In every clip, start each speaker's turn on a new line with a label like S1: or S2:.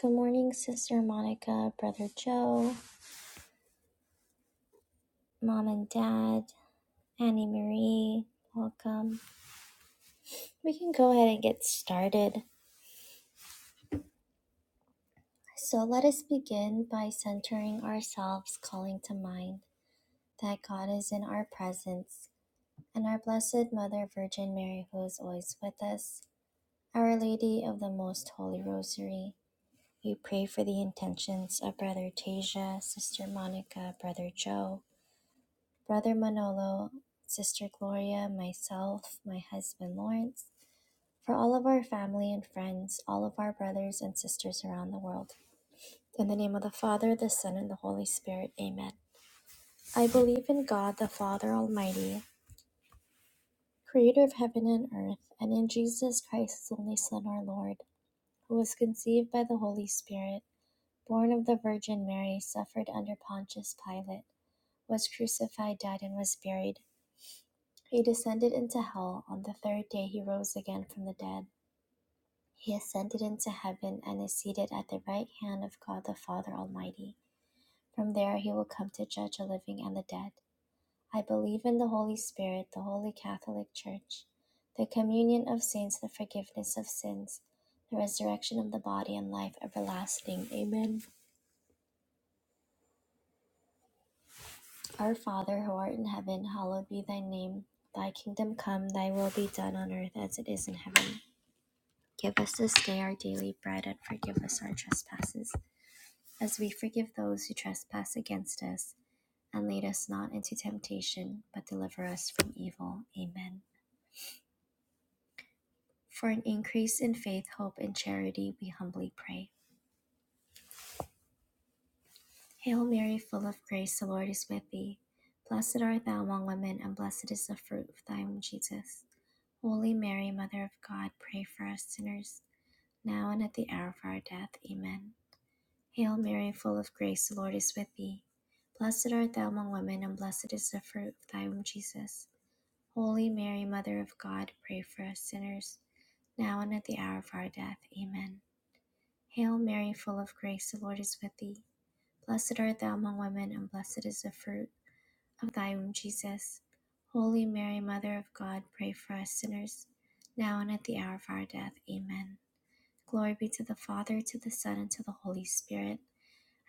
S1: Good morning, Sister Monica, Brother Joe, Mom and Dad, Annie Marie. Welcome. We can go ahead and get started. So let us begin by centering ourselves, calling to mind that God is in our presence and our Blessed Mother Virgin Mary, who is always with us, Our Lady of the Most Holy Rosary. We pray for the intentions of Brother Tasia, Sister Monica, Brother Joe. Brother Manolo, Sister Gloria, myself, my husband Lawrence, for all of our family and friends, all of our brothers and sisters around the world. In the name of the Father, the Son, and the Holy Spirit, amen. I believe in God, the Father Almighty, creator of heaven and earth, and in Jesus Christ, his only Son, our Lord, who was conceived by the Holy Spirit, born of the Virgin Mary, suffered under Pontius Pilate was crucified, died, and was buried. He descended into hell. On the third day he rose again from the dead. He ascended into heaven and is seated at the right hand of God the Father Almighty. From there he will come to judge the living and the dead. I believe in the Holy Spirit, the holy Catholic Church, the communion of saints, the forgiveness of sins, the resurrection of the body, and life everlasting. Amen. Our Father who art in heaven, hallowed be thy name. Thy kingdom come, thy will be done on earth as it is in heaven. Give us this day our daily bread, and forgive us our trespasses, as we forgive those who trespass against us. And lead us not into temptation, but deliver us from evil. Amen. For an increase in faith, hope, and charity, we humbly pray. Hail Mary, full of grace, the Lord is with thee. Blessed art thou among women, and blessed is the fruit of thy womb, Jesus. Holy Mary, Mother of God, pray for us sinners, now and at the hour of our death. Amen. Hail Mary, full of grace, the Lord is with thee. Blessed art thou among women, and blessed is the fruit of thy womb, Jesus. Holy Mary, Mother of God, pray for us sinners, now and at the hour of our death. Amen. Hail Mary, full of grace, the Lord is with thee. Blessed art thou among women, and blessed is the fruit of thy womb, Jesus. Holy Mary, Mother of God, pray for us sinners, now and at the hour of our death. Amen. Glory be to the Father, to the Son, and to the Holy Spirit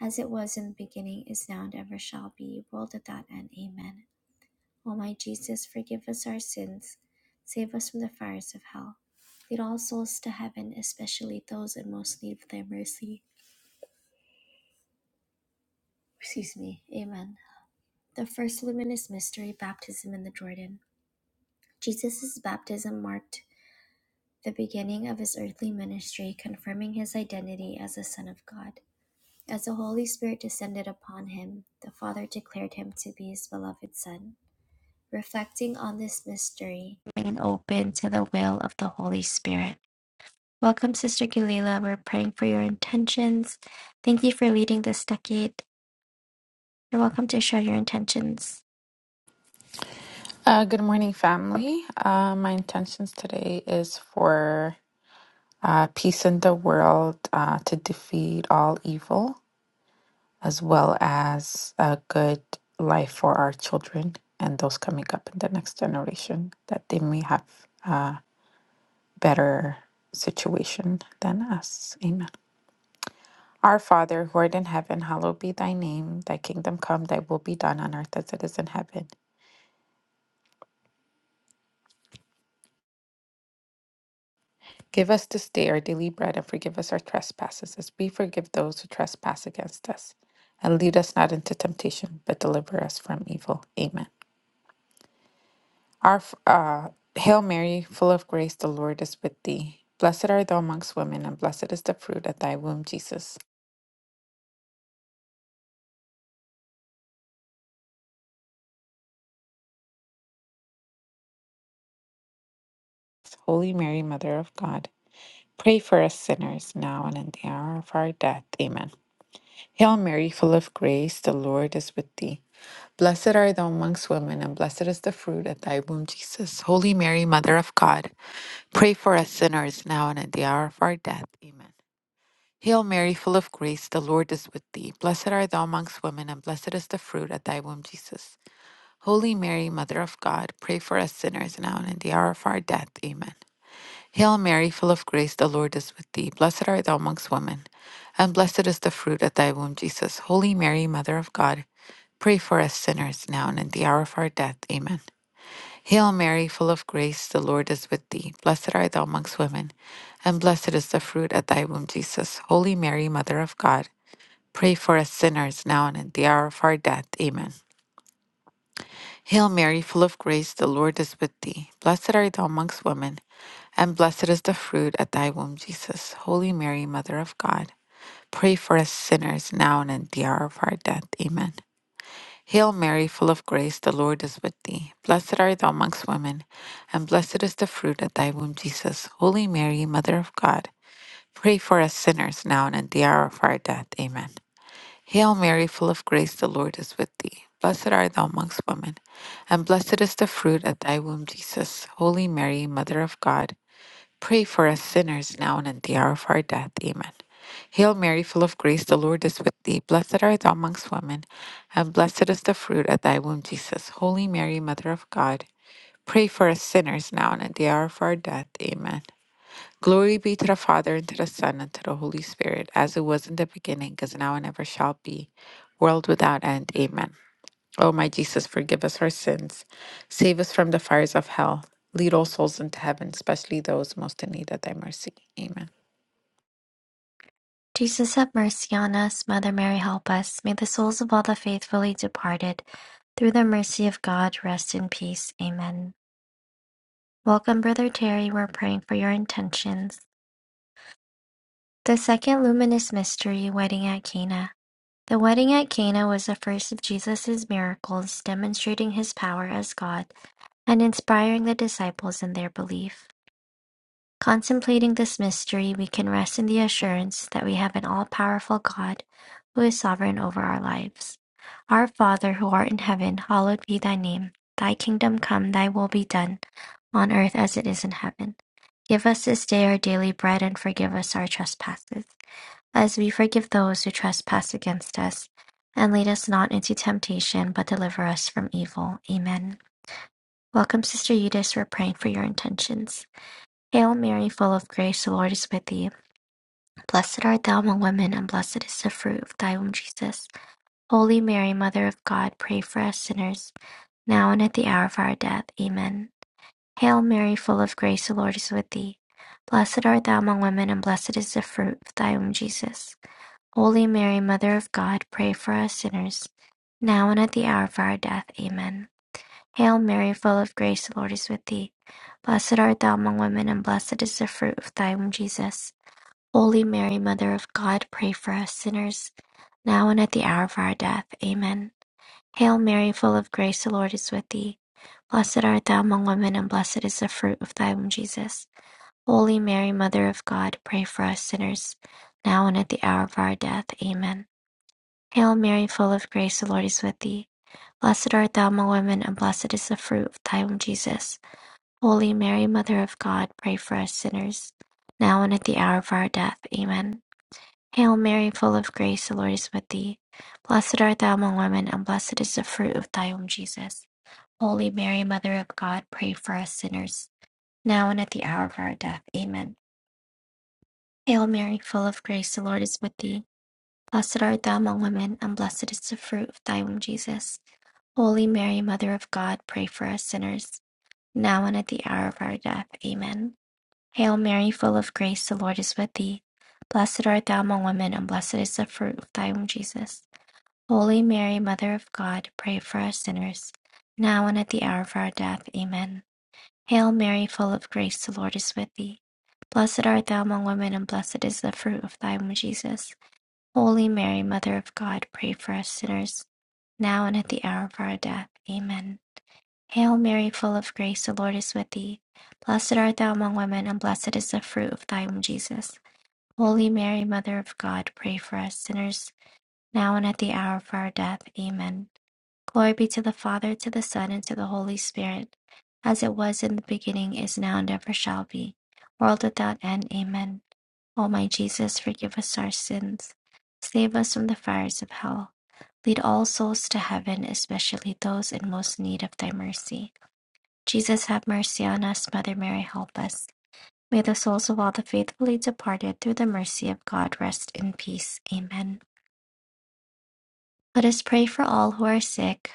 S1: as it was in the beginning, is now, and ever shall be, world without end. Amen. O my Jesus, forgive us our sins, save us from the fires of hell. Lead all souls to heaven, especially those in most need of thy mercy. Excuse me. Amen. The first luminous mystery, baptism in the Jordan. Jesus' baptism marked the beginning of his earthly ministry, confirming his identity as the Son of God. As the Holy Spirit descended upon him, the Father declared him to be his beloved Son. reflecting on this mystery, remain open to the will of the Holy Spirit. Welcome, Sister Galila. We're praying for your intentions. Thank you for leading this decade. You're welcome to share your intentions.
S2: Uh, good morning, family. Uh, my intentions today is for uh, peace in the world uh, to defeat all evil, as well as a good life for our children and those coming up in the next generation, that they may have a better situation than us. Amen. Our Father, who art in heaven, hallowed be thy name. Thy kingdom come, thy will be done on earth as it is in heaven. Give us this day our daily bread and forgive us our trespasses as we forgive those who trespass against us. And lead us not into temptation, but deliver us from evil. Amen. Our f- uh, Hail Mary, full of grace, the Lord is with thee. Blessed art thou amongst women, and blessed is the fruit of thy womb, Jesus. Holy Mary, Mother of God, pray for us sinners now and in the hour of our death. Amen. Hail Mary, full of grace, the Lord is with thee. Blessed are thou amongst women, and blessed is the fruit of thy womb, Jesus. Holy Mary, Mother of God, pray for us sinners now and at the hour of our death. Amen. Hail Mary, full of grace, the Lord is with thee. Blessed art thou amongst women, and blessed is the fruit of thy womb, Jesus. Holy Mary, Mother of God, pray for us sinners now and at the hour of our death. Amen. Hail Mary, full of grace, the Lord is with thee. Blessed art thou amongst women, and blessed is the fruit of thy womb, Jesus. Holy Mary, Mother of God, Pray for us sinners now and at the hour of our death. Amen. Hail Mary, full of grace, the Lord is with thee. Blessed art thou amongst women, and blessed is the fruit of thy womb, Jesus. Holy Mary, Mother of God, pray for us sinners now and at the hour of our death. Amen. Hail Mary, full of grace, the Lord is with thee. Blessed art thou amongst women, and blessed is the fruit of thy womb, Jesus. Holy Mary, Mother of God, pray for us sinners now and at the hour of our death. Amen. Hail Mary, full of grace, the Lord is with thee. Blessed art thou amongst women, and blessed is the fruit of thy womb, Jesus. Holy Mary, Mother of God, pray for us sinners now and at the hour of our death. Amen. Hail Mary, full of grace, the Lord is with thee. Blessed art thou amongst women, and blessed is the fruit of thy womb, Jesus. Holy Mary, Mother of God, Pray for us sinners now and at the hour of our death. Amen. Hail Mary, full of grace, the Lord is with thee. Blessed art thou amongst women, and blessed is the fruit of thy womb, Jesus. Holy Mary, Mother of God, pray for us sinners now and at the hour of our death. Amen. Glory be to the Father, and to the Son, and to the Holy Spirit, as it was in the beginning, is now, and ever shall be, world without end. Amen. O my Jesus, forgive us our sins. Save us from the fires of hell. Lead all souls into heaven, especially those most in need of thy mercy. Amen.
S1: Jesus, have mercy on us. Mother Mary, help us. May the souls of all the faithfully departed, through the mercy of God, rest in peace. Amen. Welcome, Brother Terry. We're praying for your intentions. The second luminous mystery, wedding at Cana. The wedding at Cana was the first of Jesus' miracles demonstrating his power as God and inspiring the disciples in their belief. Contemplating this mystery, we can rest in the assurance that we have an all powerful God who is sovereign over our lives. Our Father who art in heaven, hallowed be thy name. Thy kingdom come, thy will be done, on earth as it is in heaven. Give us this day our daily bread and forgive us our trespasses as we forgive those who trespass against us. And lead us not into temptation, but deliver us from evil. Amen. Welcome, Sister Eudice. We're praying for your intentions. Hail Mary, full of grace, the Lord is with thee. Blessed art thou among women, and blessed is the fruit of thy womb, Jesus. Holy Mary, Mother of God, pray for us sinners, now and at the hour of our death. Amen. Hail Mary, full of grace, the Lord is with thee. Blessed art thou among women, and blessed is the fruit of thy womb, Jesus. Holy Mary, Mother of God, pray for us sinners, now and at the hour of our death. Amen. Hail Mary, full of grace, the Lord is with thee. Blessed art thou among women, and blessed is the fruit of thy womb, Jesus. Holy Mary, Mother of God, pray for us sinners, now and at the hour of our death. Amen. Hail Mary, full of grace, the Lord is with thee. Blessed art thou among women, and blessed is the fruit of thy womb, Jesus. Holy Mary, Mother of God, pray for us sinners, now and at the hour of our death. Amen. Hail Mary, full of grace, the Lord is with thee. Blessed art thou among women, and blessed is the fruit of thy womb, Jesus. Holy Mary, Mother of God, pray for us sinners, now and at the hour of our death. Amen. Hail Mary, full of grace, the Lord is with thee. Blessed art thou among women, and blessed is the fruit of thy womb, Jesus. Holy Mary, Mother of God, pray for us sinners, now and at the hour of our death. Amen. Hail Mary, full of grace, the Lord is with thee. Blessed art thou among women, and blessed is the fruit of thy womb, Jesus. Holy Mary, Mother of God, pray for us sinners, now and at the hour of our death. Amen. Hail Mary, full of grace, the Lord is with thee. Blessed art thou among women, and blessed is the fruit of thy womb, Jesus. Holy Mary, Mother of God, pray for us sinners, now and at the hour of our death. Amen. Hail Mary, full of grace, the Lord is with thee. Blessed art thou among women, and blessed is the fruit of thy womb, Jesus. Holy Mary, Mother of God, pray for us sinners, now and at the hour of our death. Amen. Hail Mary, full of grace, the Lord is with thee. Blessed art thou among women, and blessed is the fruit of thy womb, Jesus. Holy Mary, Mother of God, pray for us sinners, now and at the hour of our death. Amen. Glory be to the Father, to the Son, and to the Holy Spirit, as it was in the beginning, is now, and ever shall be. World without end. Amen. O my Jesus, forgive us our sins. Save us from the fires of hell. Lead all souls to heaven, especially those in most need of thy mercy. Jesus have mercy on us. Mother Mary, help us. May the souls of all the faithfully departed through the mercy of God rest in peace. Amen. Let us pray for all who are sick,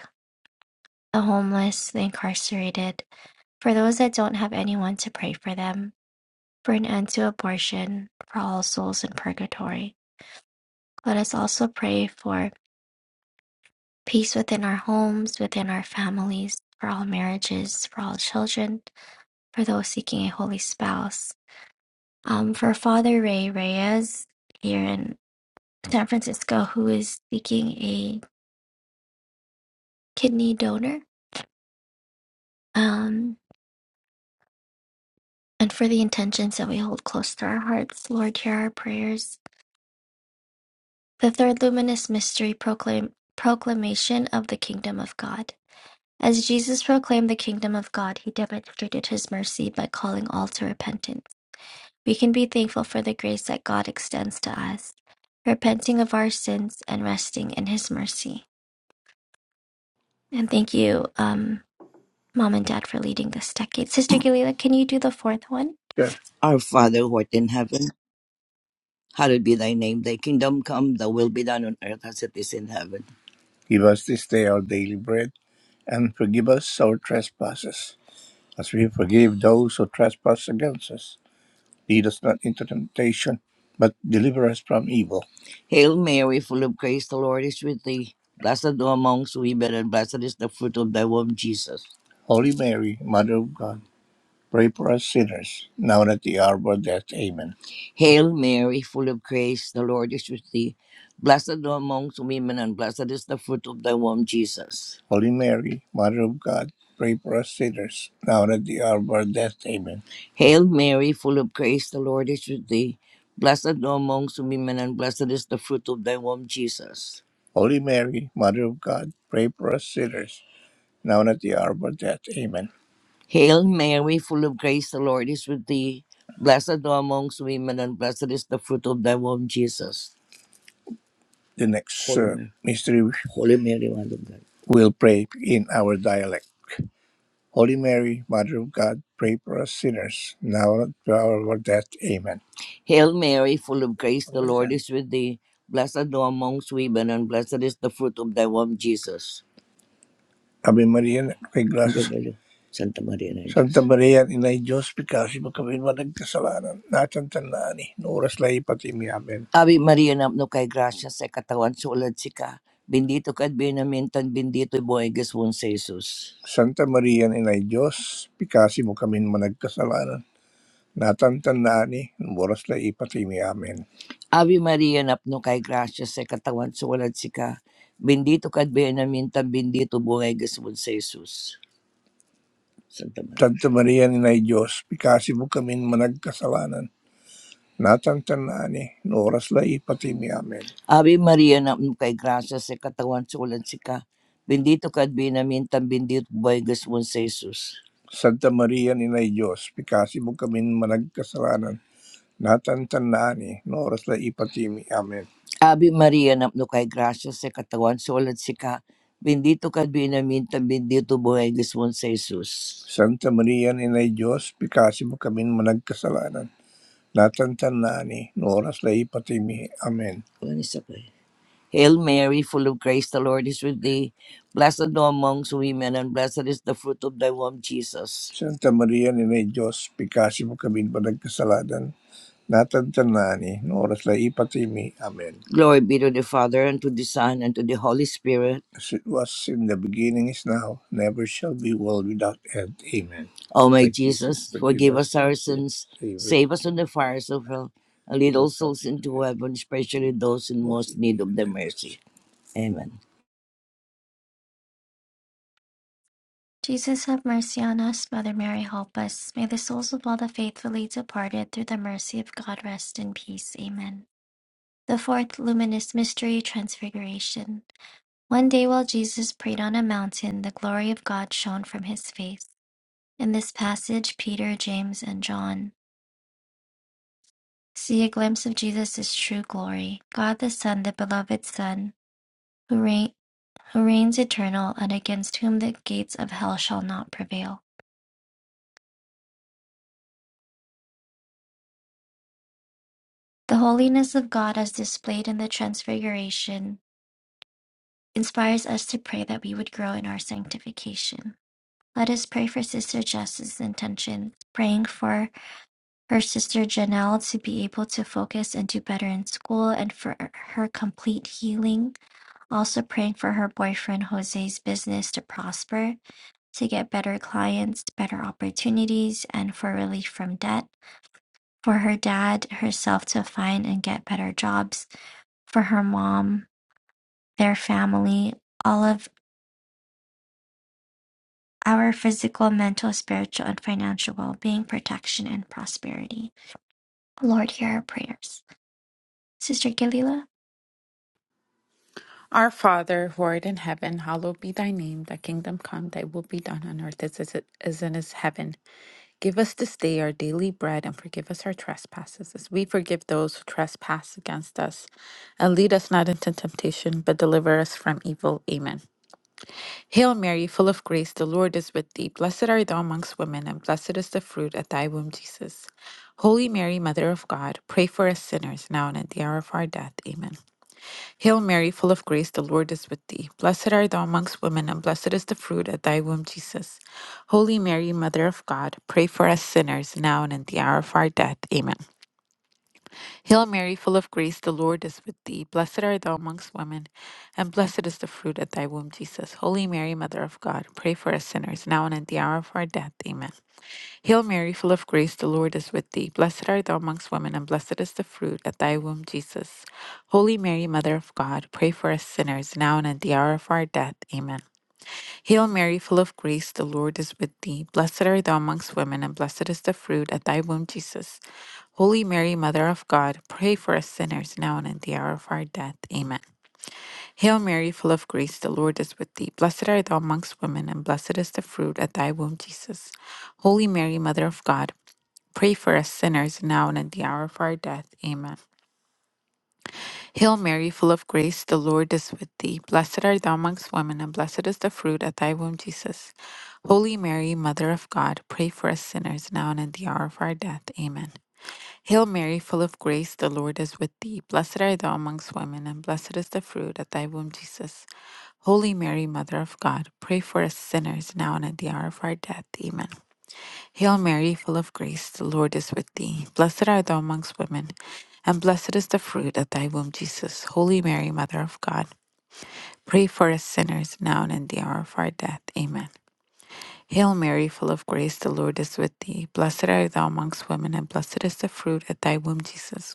S1: the homeless, the incarcerated, for those that don't have anyone to pray for them, for an end to abortion, for all souls in purgatory. Let us also pray for peace within our homes, within our families, for all marriages, for all children, for those seeking a holy spouse um, for Father Ray Reyes here in San Francisco, who is seeking a kidney donor, um, and for the intentions that we hold close to our hearts. Lord, hear our prayers. The third luminous mystery proclaim, proclamation of the kingdom of God. As Jesus proclaimed the kingdom of God, he demonstrated his mercy by calling all to repentance. We can be thankful for the grace that God extends to us, repenting of our sins and resting in his mercy. And thank you, um, Mom and Dad for leading this decade. Sister Galila, can you do the fourth one?
S3: Sure. Our Father who art in heaven, hallowed be thy name. Thy kingdom come, thy will be done on earth as it is in heaven. Give us this day our daily bread, and forgive us our trespasses, as we forgive those who trespass against us. Lead us not into temptation, but deliver us from evil. Hail Mary, full of grace, the Lord is with thee. Blessed thou amongst women, and blessed is the fruit of thy womb, Jesus. Holy Mary, Mother of God, Pray for us sinners, now and at the hour of our death. Amen. Hail Mary, full of grace, the Lord is with thee. Blessed thou amongst women, and blessed is the fruit of thy womb, Jesus. Holy Mary, Mother of God, pray for us sinners, now and at the hour of our death. Amen. Hail Mary, full of grace, the Lord is with thee. Blessed thou amongst women, and blessed is the fruit of thy womb, Jesus. Holy Mary, Mother of God, pray for us sinners, now and at the hour of our death. Amen. Hail Mary, full of grace, the Lord is with thee. Blessed thou amongst women, and blessed is the fruit of thy womb, Jesus. The next Holy uh, Mary, mystery Holy Mary, Mother of God. we'll pray in our dialect. Holy Mary, Mother of God, pray for us sinners, now and at the hour of our death. Amen. Hail Mary, full of grace, the Lord is with thee. Blessed thou amongst women, and blessed is the fruit of thy womb, Jesus. Ave María, na- kay Glasses. Santa Maria Santa Maria, inay Diyos, pikasi mo kami madagkasalanan. Natantan na ani, no oras na ipatimi. Amen. Ave Maria, napno kay gracia sa katawan sulad sika. Bendito ka at benamintan, bendito buhay gaswon sa Jesus. Santa Maria, inay Diyos, pikasi mo kami managkasalanan natantandaan ni boras la ipatimi amin. Ave Maria, napno kay gracia sa katawan sa si ka. Bendito ka at benamintan, bendito buhay gasmon sa Jesus. Santa Maria. Santa Maria ni Nay Diyos, pikasi mo kami managkasalanan. Natantandaan ni ang oras la ipatimi amin. Ave Maria, napno kay gracia sa katawan sa si ka. Bendito ka at benamintan, bendito buhay gasmon sa Jesus. Santa Maria ni Nay Diyos, pikasi mo kami managkasalanan. Natantanani, no oras na ipatimi. Amen. Ave Maria, napno kay grasya sa katawan, sulat si ka. Bendito ka binaminta, bendito buhay Gismon sa Jesus. Santa Maria, Inay Diyos, pikasi mo kami managkasalanan. Natantanani, no oras na ipatimi. Amen. Ano isa pa eh? Hail Mary, full of grace, the Lord is with thee. Blessed thou amongst women, and blessed is the fruit of thy womb, Jesus. Santa Maria, Inay Diyos, pikasi mo kami managkasalanan natagtanani, no oras na ipatimi. Amen. Glory be to the Father, and to the Son, and to the Holy Spirit, As it was in the beginning, is now, never shall be, world without end. Amen. O my Forgive, Jesus, forgive forgive us us our our sins, favor. save us save us from the fires of hell, and lead all souls into heaven, especially those in most need of thy mercy. Amen.
S1: Jesus, have mercy on us. Mother Mary, help us. May the souls of all the faithfully departed through the mercy of God rest in peace. Amen. The fourth luminous mystery, Transfiguration. One day while Jesus prayed on a mountain, the glory of God shone from his face. In this passage, Peter, James, and John see a glimpse of Jesus' true glory, God the Son, the beloved Son, who reign who reigns eternal and against whom the gates of hell shall not prevail. The holiness of God as displayed in the Transfiguration inspires us to pray that we would grow in our sanctification. Let us pray for Sister Jess's intentions, praying for her sister Janelle to be able to focus and do better in school and for her complete healing. Also praying for her boyfriend Jose's business to prosper, to get better clients, better opportunities, and for relief from debt for her dad, herself to find and get better jobs, for her mom, their family, all of our physical, mental, spiritual, and financial well being, protection, and prosperity. Lord, hear our prayers. Sister Galila?
S2: Our Father, who art in heaven, hallowed be thy name. Thy kingdom come, thy will be done on earth as it is in it is heaven. Give us this day our daily bread and forgive us our trespasses as we forgive those who trespass against us. And lead us not into temptation, but deliver us from evil. Amen. Hail Mary, full of grace, the Lord is with thee. Blessed art thou amongst women, and blessed is the fruit of thy womb, Jesus. Holy Mary, Mother of God, pray for us sinners, now and at the hour of our death. Amen. Hail Mary, full of grace, the Lord is with thee. Blessed art thou amongst women, and blessed is the fruit of thy womb, Jesus. Holy Mary, Mother of God, pray for us sinners, now and at the hour of our death. Amen. Hail Mary, full of grace, the Lord is with thee. Blessed art thou amongst women, and blessed is the fruit of thy womb, Jesus. Holy Mary, Mother of God, pray for us sinners, now and at the hour of our death. Amen. Hail Mary, full of grace, the Lord is with thee. Blessed art thou amongst women, and blessed is the fruit of thy womb, Jesus. Holy Mary, Mother of God, pray for us sinners, now and at the hour of our death. Amen. Hail Mary, full of grace, the Lord is with thee. Blessed art thou amongst women, and blessed is the fruit of thy womb, Jesus. Holy Mary, Mother of God, pray for us sinners now and at the hour of our death. Amen. Hail Mary, full of grace, the Lord is with thee. Blessed art thou amongst women, and blessed is the fruit of thy womb, Jesus. Holy Mary, Mother of God, pray for us sinners now and at the hour of our death. Amen. Hail Mary, full of grace, the Lord is with thee. Blessed art thou amongst women, and blessed is the fruit of thy womb, Jesus. Holy Mary, Mother of God, pray for us sinners now and at the hour of our death. Amen. Hail Mary, full of grace, the Lord is with thee. Blessed art thou amongst women, and blessed is the fruit of thy womb, Jesus. Holy Mary, Mother of God, pray for us sinners now and at the hour of our death. Amen. Hail Mary, full of grace, the Lord is with thee. Blessed art thou amongst women, and blessed is the fruit of thy womb, Jesus. Holy Mary, Mother of God, pray for us sinners now and in the hour of our death. Amen. Hail Mary, full of grace, the Lord is with thee. Blessed art thou amongst women, and blessed is the fruit of thy womb, Jesus.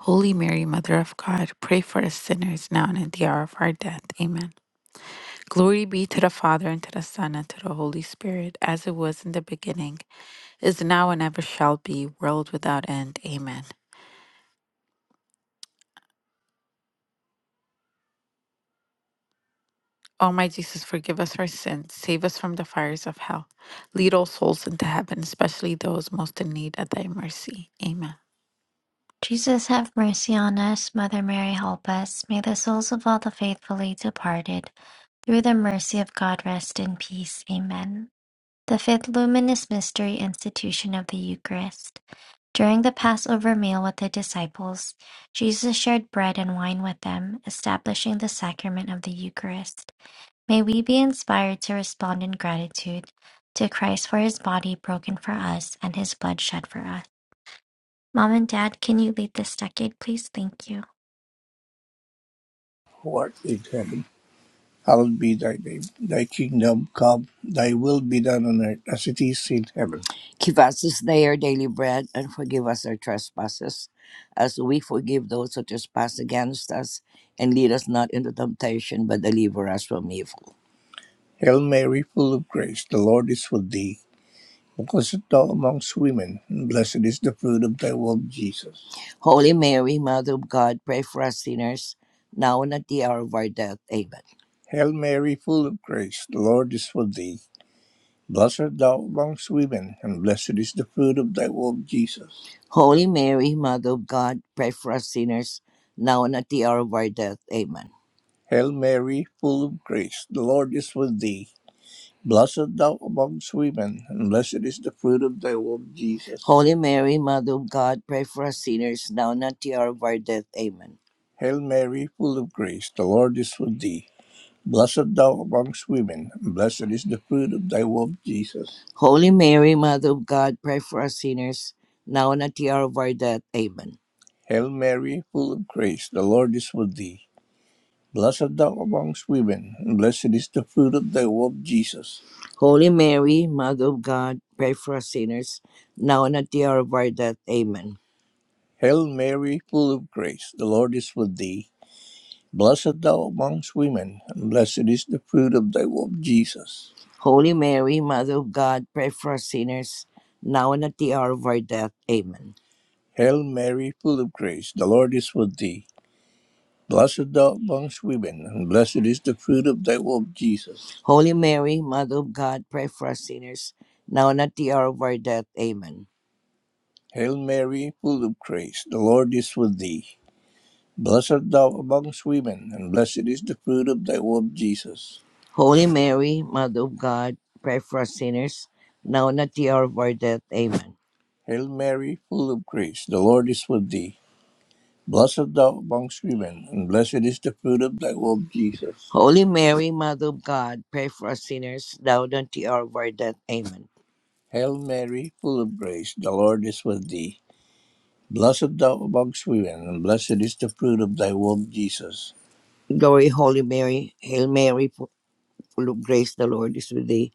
S2: Holy Mary, Mother of God, pray for us sinners now and at the hour of our death. Amen. Glory be to the Father, and to the Son, and to the Holy Spirit, as it was in the beginning, is now, and ever shall be, world without end. Amen. O my Jesus, forgive us our sins, save us from the fires of hell. Lead all souls into heaven, especially those most in need of thy mercy. Amen.
S1: Jesus, have mercy on us. Mother Mary, help us. May the souls of all the faithfully departed, through the mercy of God, rest in peace. Amen. The fifth luminous mystery institution of the Eucharist. During the Passover meal with the disciples, Jesus shared bread and wine with them, establishing the sacrament of the Eucharist. May we be inspired to respond in gratitude to Christ for his body broken for us and his blood shed for us. Mom and Dad, can you lead this decade, please? Thank you.
S3: What in heaven Hallowed be thy name. Thy kingdom come, thy will be done on earth as it is in heaven. Give us this day our daily bread, and forgive us our trespasses, as we forgive those who trespass against us. And lead us not into temptation, but deliver us from evil. Hail Mary, full of grace, the Lord is with thee. Blessed thou amongst women, and blessed is the fruit of thy womb, Jesus. Holy Mary, Mother of God, pray for us sinners, now and at the hour of our death. Amen. Hail Mary, full of grace, the Lord is with thee. Blessed art thou amongst women, and blessed is the fruit of thy womb, Jesus. Holy Mary, Mother of God, pray for us sinners, now and at the hour of our death. Amen. Hail Mary, full of grace, the Lord is with thee. Blessed thou amongst women, and blessed is the fruit of thy womb, Jesus. Holy Mary, Mother of God, pray for us sinners now and at the hour of our death. Amen. Hail Mary, full of grace, the Lord is with thee. Blessed thou amongst women, and blessed is the fruit of thy womb, Jesus. Holy Mary, Mother of God, pray for us sinners now and at the hour of our death. Amen. Hail Mary, full of grace, the Lord is with thee. Blessed thou amongst women, and blessed is the fruit of thy womb, Jesus. Holy Mary, Mother of God, pray for us sinners, now and at the hour of our death. Amen. Hail Mary, full of grace, the Lord is with thee. Blessed thou amongst women, and blessed is the fruit of thy womb, Jesus. Holy Mary, Mother of God, pray for us sinners, now and at the hour of our death. Amen. Hail Mary, full of grace, the Lord is with thee. Blessed thou amongst women, and blessed is the fruit of thy womb, Jesus. Holy Mary, Mother of God, pray for us sinners, now and at the hour of our death. Amen. Hail Mary, full of grace, the Lord is with thee. Blessed thou amongst women, and blessed is the fruit of thy womb, Jesus. Holy Mary, Mother of God, pray for us sinners, now and at the hour of our death. Amen. Hail Mary, full of grace, the Lord is with thee. Blessed thou amongst women, and blessed is the fruit of thy womb, Jesus. Holy Mary, Mother of God, pray for us sinners, now and at the hour of our death. Amen. Hail Mary, full of grace, the Lord is with thee. Blessed thou amongst women, and blessed is the fruit of thy womb, Jesus. Glory, Holy Mary, Hail Mary, fu- full of grace, the Lord is with thee.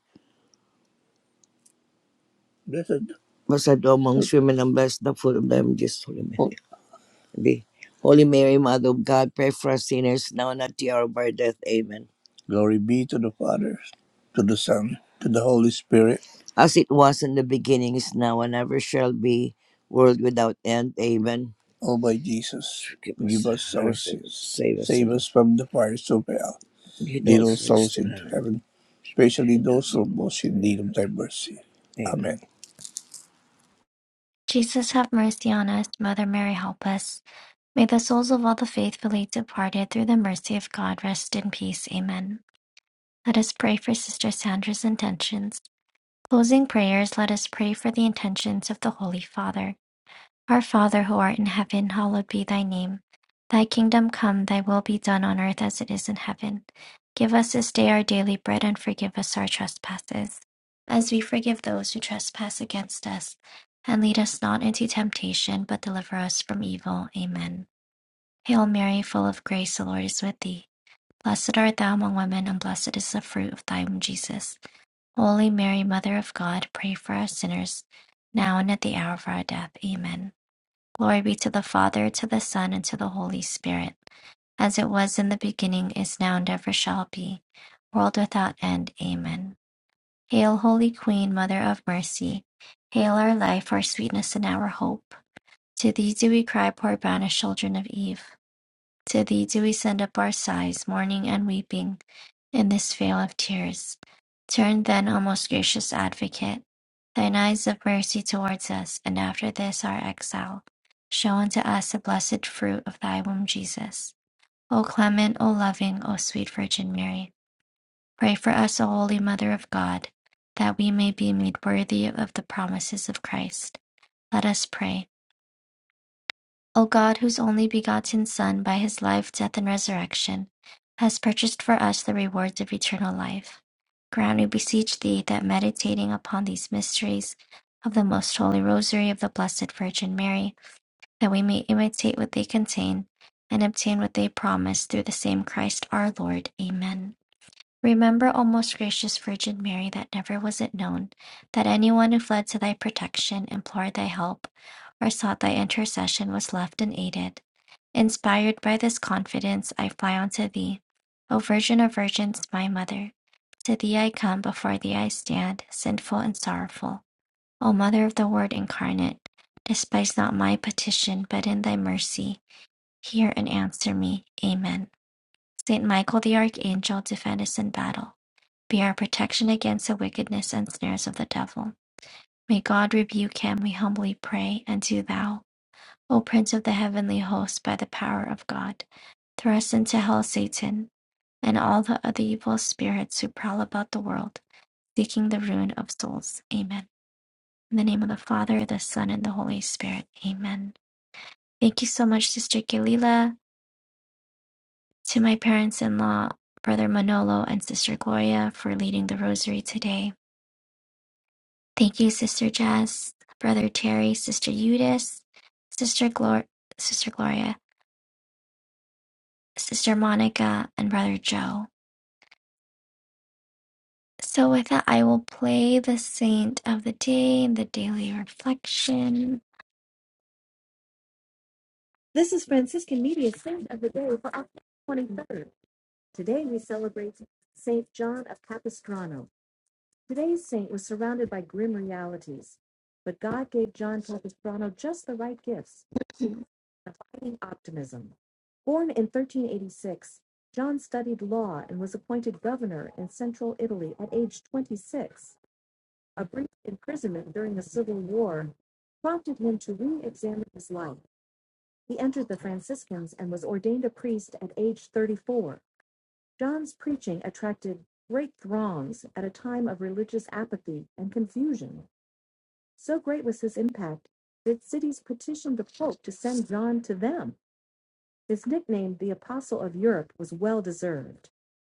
S3: Blessed, Blessed thou amongst women, and blessed the fruit of thy womb, Jesus. Holy Mary. Be. Holy Mary, Mother of God, pray for us sinners now and at the hour of our death. Amen. Glory be to the Father, to the Son, to the Holy Spirit. As it was in the beginning, is now, and ever shall be, world without end. Amen. O by Jesus, give us give us our sins. Save us, Save us from the fires of hell. Lead Lead all souls into heaven. heaven, especially those who are most in need of thy mercy. Amen. Amen.
S1: Jesus, have mercy on us. Mother Mary, help us. May the souls of all the faithfully departed through the mercy of God rest in peace. Amen. Let us pray for Sister Sandra's intentions. Closing prayers, let us pray for the intentions of the Holy Father. Our Father who art in heaven, hallowed be thy name. Thy kingdom come, thy will be done on earth as it is in heaven. Give us this day our daily bread and forgive us our trespasses, as we forgive those who trespass against us. And lead us not into temptation, but deliver us from evil. Amen. Hail Mary, full of grace, the Lord is with thee. Blessed art thou among women, and blessed is the fruit of thy womb, Jesus. Holy Mary, Mother of God, pray for us sinners, now and at the hour of our death. Amen. Glory be to the Father, to the Son, and to the Holy Spirit, as it was in the beginning, is now, and ever shall be, world without end. Amen. Hail, Holy Queen, Mother of Mercy. Hail our life, our sweetness, and our hope. To thee do we cry, poor banished children of Eve. To thee do we send up our sighs, mourning and weeping. In this vale of tears, turn then, O most gracious Advocate, thine eyes of mercy towards us, and after this our exile, show unto us the blessed fruit of thy womb, Jesus. O clement, O loving, O sweet Virgin Mary, pray for us, O holy Mother of God, that we may be made worthy of the promises of Christ. Let us pray. O God, whose only begotten Son, by his life, death, and resurrection, has purchased for us the rewards of eternal life, grant, we beseech thee, that meditating upon these mysteries of the most holy rosary of the Blessed Virgin Mary, that we may imitate what they contain and obtain what they promise through the same Christ our Lord. Amen. Remember, O most gracious Virgin Mary, that never was it known that anyone who fled to thy protection, implored thy help, or sought thy intercession was left unaided. Inspired by this confidence, I fly unto thee. O Virgin of Virgins, my Mother, to thee I come, before thee I stand, sinful and sorrowful. O Mother of the Word incarnate, despise not my petition, but in thy mercy hear and answer me. Amen. Saint Michael the Archangel, defend us in battle. Be our protection against the wickedness and snares of the devil. May God rebuke him, we humbly pray, and do thou, O Prince of the heavenly host, by the power of God, thrust into hell Satan and all the other evil spirits who prowl about the world, seeking the ruin of souls. Amen. In the name of the Father, the Son, and the Holy Spirit. Amen. Thank you so much, Sister Galila, to my parents in law, Brother Manolo, and Sister Gloria for leading the rosary today. Thank you, Sister Jess, Brother Terry, Sister Eudice, Sister Glor- Sister Gloria, Sister Monica, and Brother Joe. So with that, I will play the Saint of the Day and the Daily Reflection. This is Franciscan Media Saint of the Day for October 23rd. Today we celebrate Saint John of Capistrano. Today's saint was surrounded by grim realities, but God gave John Capistrano just the right gifts of Finding Optimism. Born in 1386, John studied law and was appointed governor in central Italy at age 26. A brief imprisonment during the Civil War prompted him to re examine his life. He entered the Franciscans and was ordained a priest at age 34. John's preaching attracted great throngs at a time of religious apathy and confusion. So great was his impact that cities petitioned the Pope to send John to them. His nickname, the Apostle of Europe, was well deserved.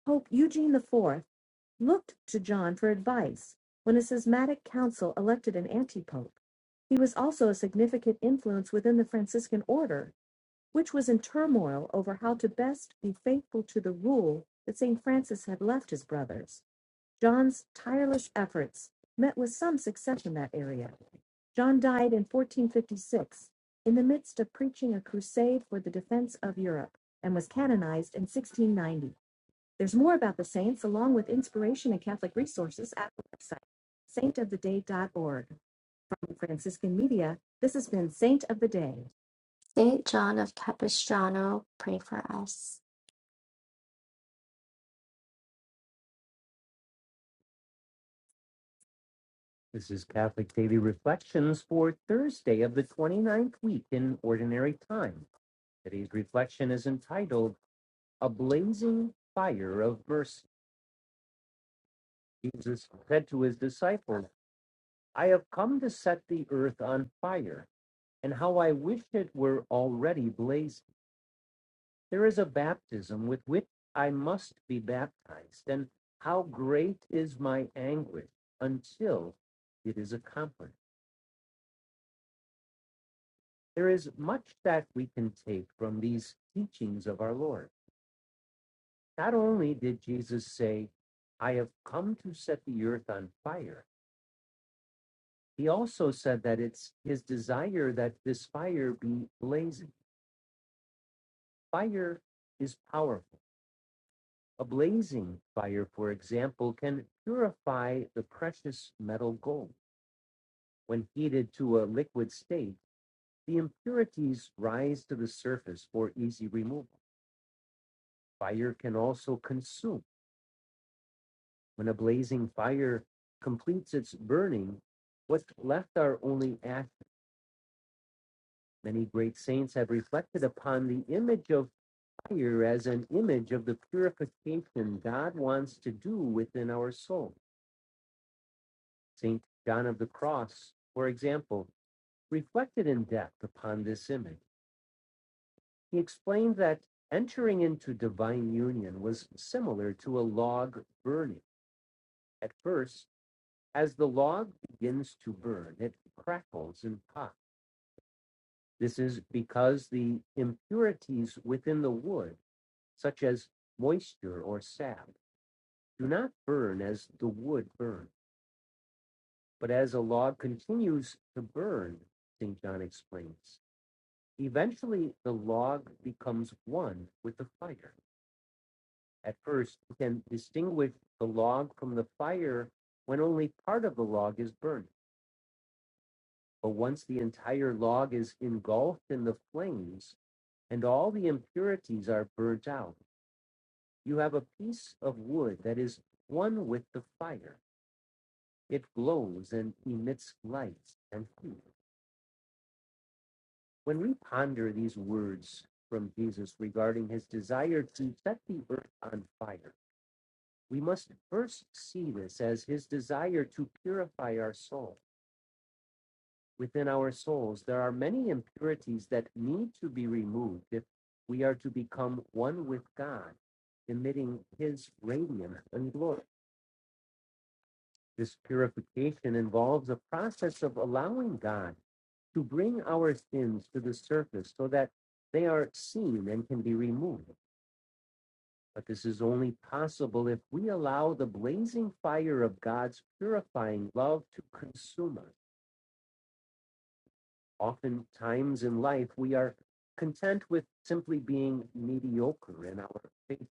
S1: Pope Eugene IV looked to John for advice when a schismatic council elected an antipope. He was also a significant influence within the Franciscan order, which was in turmoil over how to best be faithful to the rule that St. Francis had left his brothers. John's tireless efforts met with some success in that area. John died in 1456 in the midst of preaching a crusade for the defense of Europe and was canonized in 1690. There's more about the saints along with inspiration and Catholic resources at the website saintoftheday.org. From Franciscan Media, this has been Saint of the Day. Saint John of Capistrano, pray for us. This is Catholic Daily Reflections for Thursday of the twenty-ninth week in Ordinary Time. Today's reflection is entitled A Blazing Fire of Mercy. Jesus said to his disciples, I have come to set the earth on fire, and how I wish it were already blazing. There is a baptism with which I must be baptized, and how great is my anguish until it is accomplished. There is much that we can take from these teachings of our Lord. Not only did Jesus say, I have come to set the earth on fire, he also said that it's his desire that this fire be blazing. Fire is powerful. A blazing fire, for example, can purify the precious metal gold. When heated to a liquid state, the impurities rise to the surface for easy removal. Fire can also consume When a blazing fire completes its burning, what's left are only ashes. Many great saints have reflected upon the image of fire as an image of the purification God wants to do within our soul. St. John of the Cross, for example, reflected in depth upon this image. He explained that entering into divine union was similar to a log burning. At first, as the log begins to burn, it crackles and pops. This is because the impurities within the wood, such as moisture or sap, do not burn as the wood burns, but as a log continues to burn, St. John explains. Eventually, the log becomes one with the fire. At first, you can distinguish the log from the fire when only part of the log is burning. But once the entire log is engulfed in the flames and all the impurities are burnt out, You have a piece of wood that is one with the fire. It glows and emits light and heat. When we ponder these words from Jesus regarding his desire to set the earth on fire, we must first see this as his desire to purify our soul. Within our souls, there are many impurities that need to be removed if we are to become one with God, emitting his radiance and glory. This purification involves a process of allowing God to bring our sins to the surface so that they are seen and can be removed. But this is only possible if we allow the blazing fire of God's purifying love to consume us. Oftentimes in life, we are content with simply being mediocre in our faith.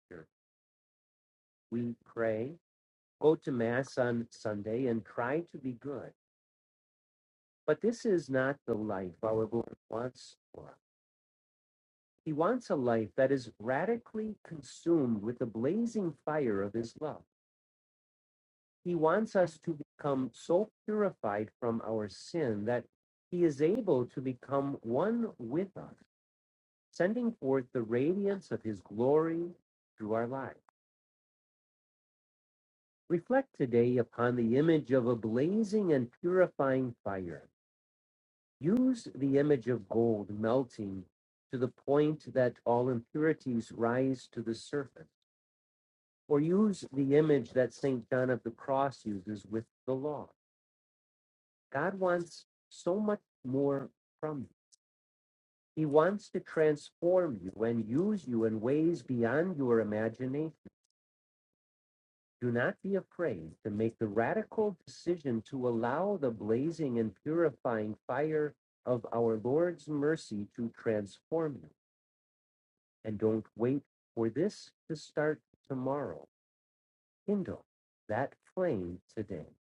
S1: We pray, go to Mass on Sunday, and try to be good But this is not the life our Lord wants for us. He wants a life that is radically consumed with the blazing fire of His love. He wants us to become so purified from our sin that He is able to become one with us, sending forth the radiance of His glory through our lives. Reflect today upon the image of a blazing and purifying fire. Use the image of gold melting to the point that all impurities rise to the surface, or use the image that St. John of the Cross uses with the law. God wants so much more from you. He wants to transform you and use you in ways beyond your imagination. Do not be afraid to make the radical decision to allow the blazing and purifying fire of our Lord's mercy to transform you and don't wait for this to start tomorrow. Kindle that flame today. Let's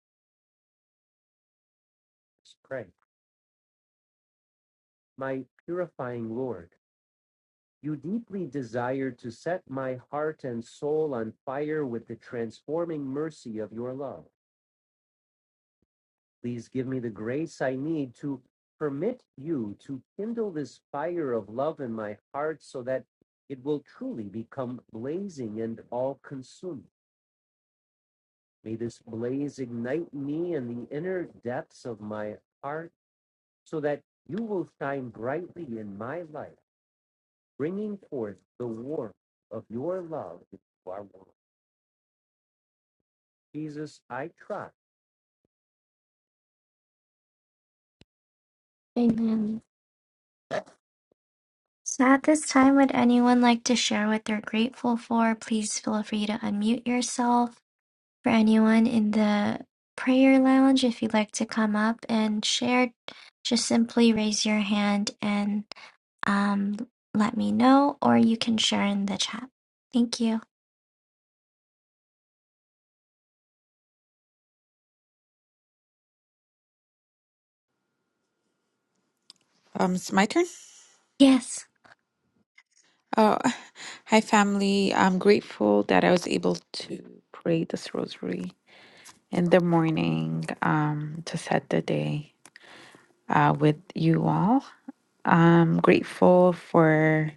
S1: pray. My purifying Lord, you deeply desire to set my heart and soul on fire with the transforming mercy of your love. Please give me the grace I need to permit you to kindle this fire of love in my heart so that it will truly become all consuming. May the night me in the inner depths of my heart so that you will shine brightly in my life, bringing forth the warmth of your love into our world. Jesus, I trust. Amen. So at this time, would anyone like to share what they're grateful for? Please feel free to unmute yourself. For anyone in the prayer lounge, if you'd like to come up and share, just simply raise your hand and um, let me know, or you can share in the chat. Thank you.
S2: Um, it's my turn.
S1: Yes.
S2: Oh, hi family. I'm grateful that I was able to pray this rosary in the morning um, to set the day uh, with you all. I'm grateful for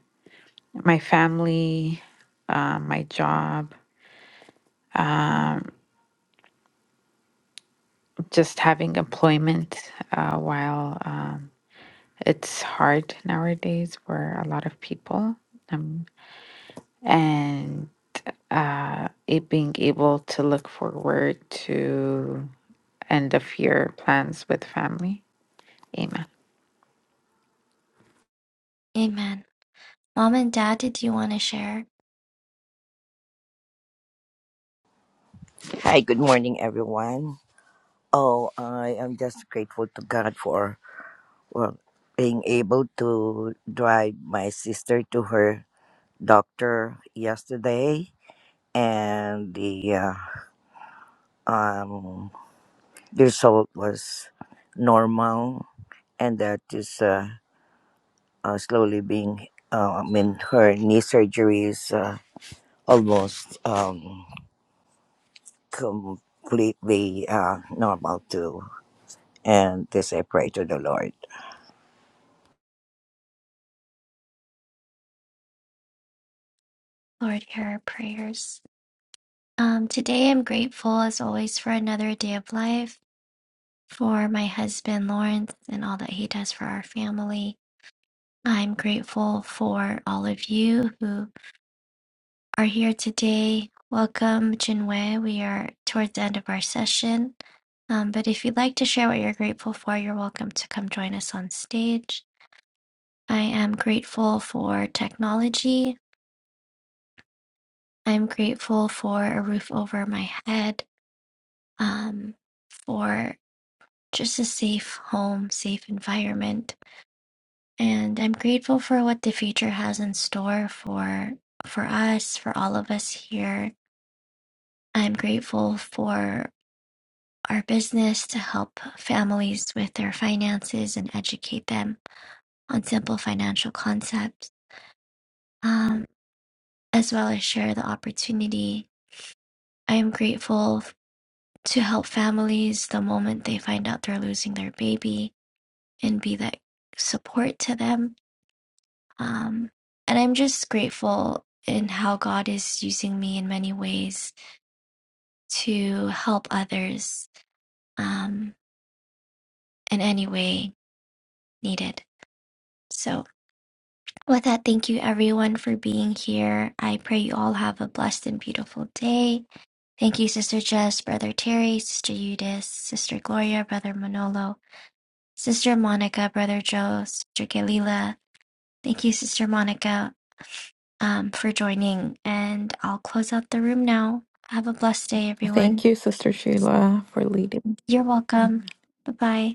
S2: my family, uh, my job, just having employment uh, while um, it's hard nowadays for a lot of people. Um, and uh, it being able to look forward to end of year plans with family. Amen.
S1: Amen. Mom and Dad, did you want to share?
S3: Hi, good morning, everyone. Oh, I am just grateful to God for well, being able to drive my sister to her doctor yesterday, and the uh, um, the result was normal, and that is uh, uh, slowly being. Uh, I mean, her knee surgery is uh, almost um, completely uh, normal too, and this I pray to the Lord.
S1: Lord, hear our prayers. Um, today, I'm grateful as always for another day of life, for my husband Lawrence and all that he does for our family. I'm grateful for all of you who are here today. Welcome, Jinwei. We are towards the end of our session. Um, but if you'd like to share what you're grateful for, you're welcome to come join us on stage. I am grateful for technology I'm grateful for a roof over my head, um, for just a safe home, safe environment, and I'm grateful for what the future has in store for for us, for all of us here. I'm grateful for our business to help families with their finances and educate them on simple financial concepts, um, as well as share the opportunity. I am grateful to help families the moment they find out they're losing their baby and be that support to them. Um, and I'm just grateful in how God is using me in many ways to help others um, in any way needed. So, with that, thank you everyone for being here. I pray you all have a blessed and beautiful day. Thank you, Sister Jess, Brother Terry, Sister Eudice, Sister Gloria, Brother Manolo, Sister Monica, Brother Joe, Sister Galila. Thank you, Sister Monica, um, for joining. And I'll close out the room now. Have a blessed day, everyone.
S2: Thank you, Sister Sheila, for leading.
S1: You're welcome. Bye bye.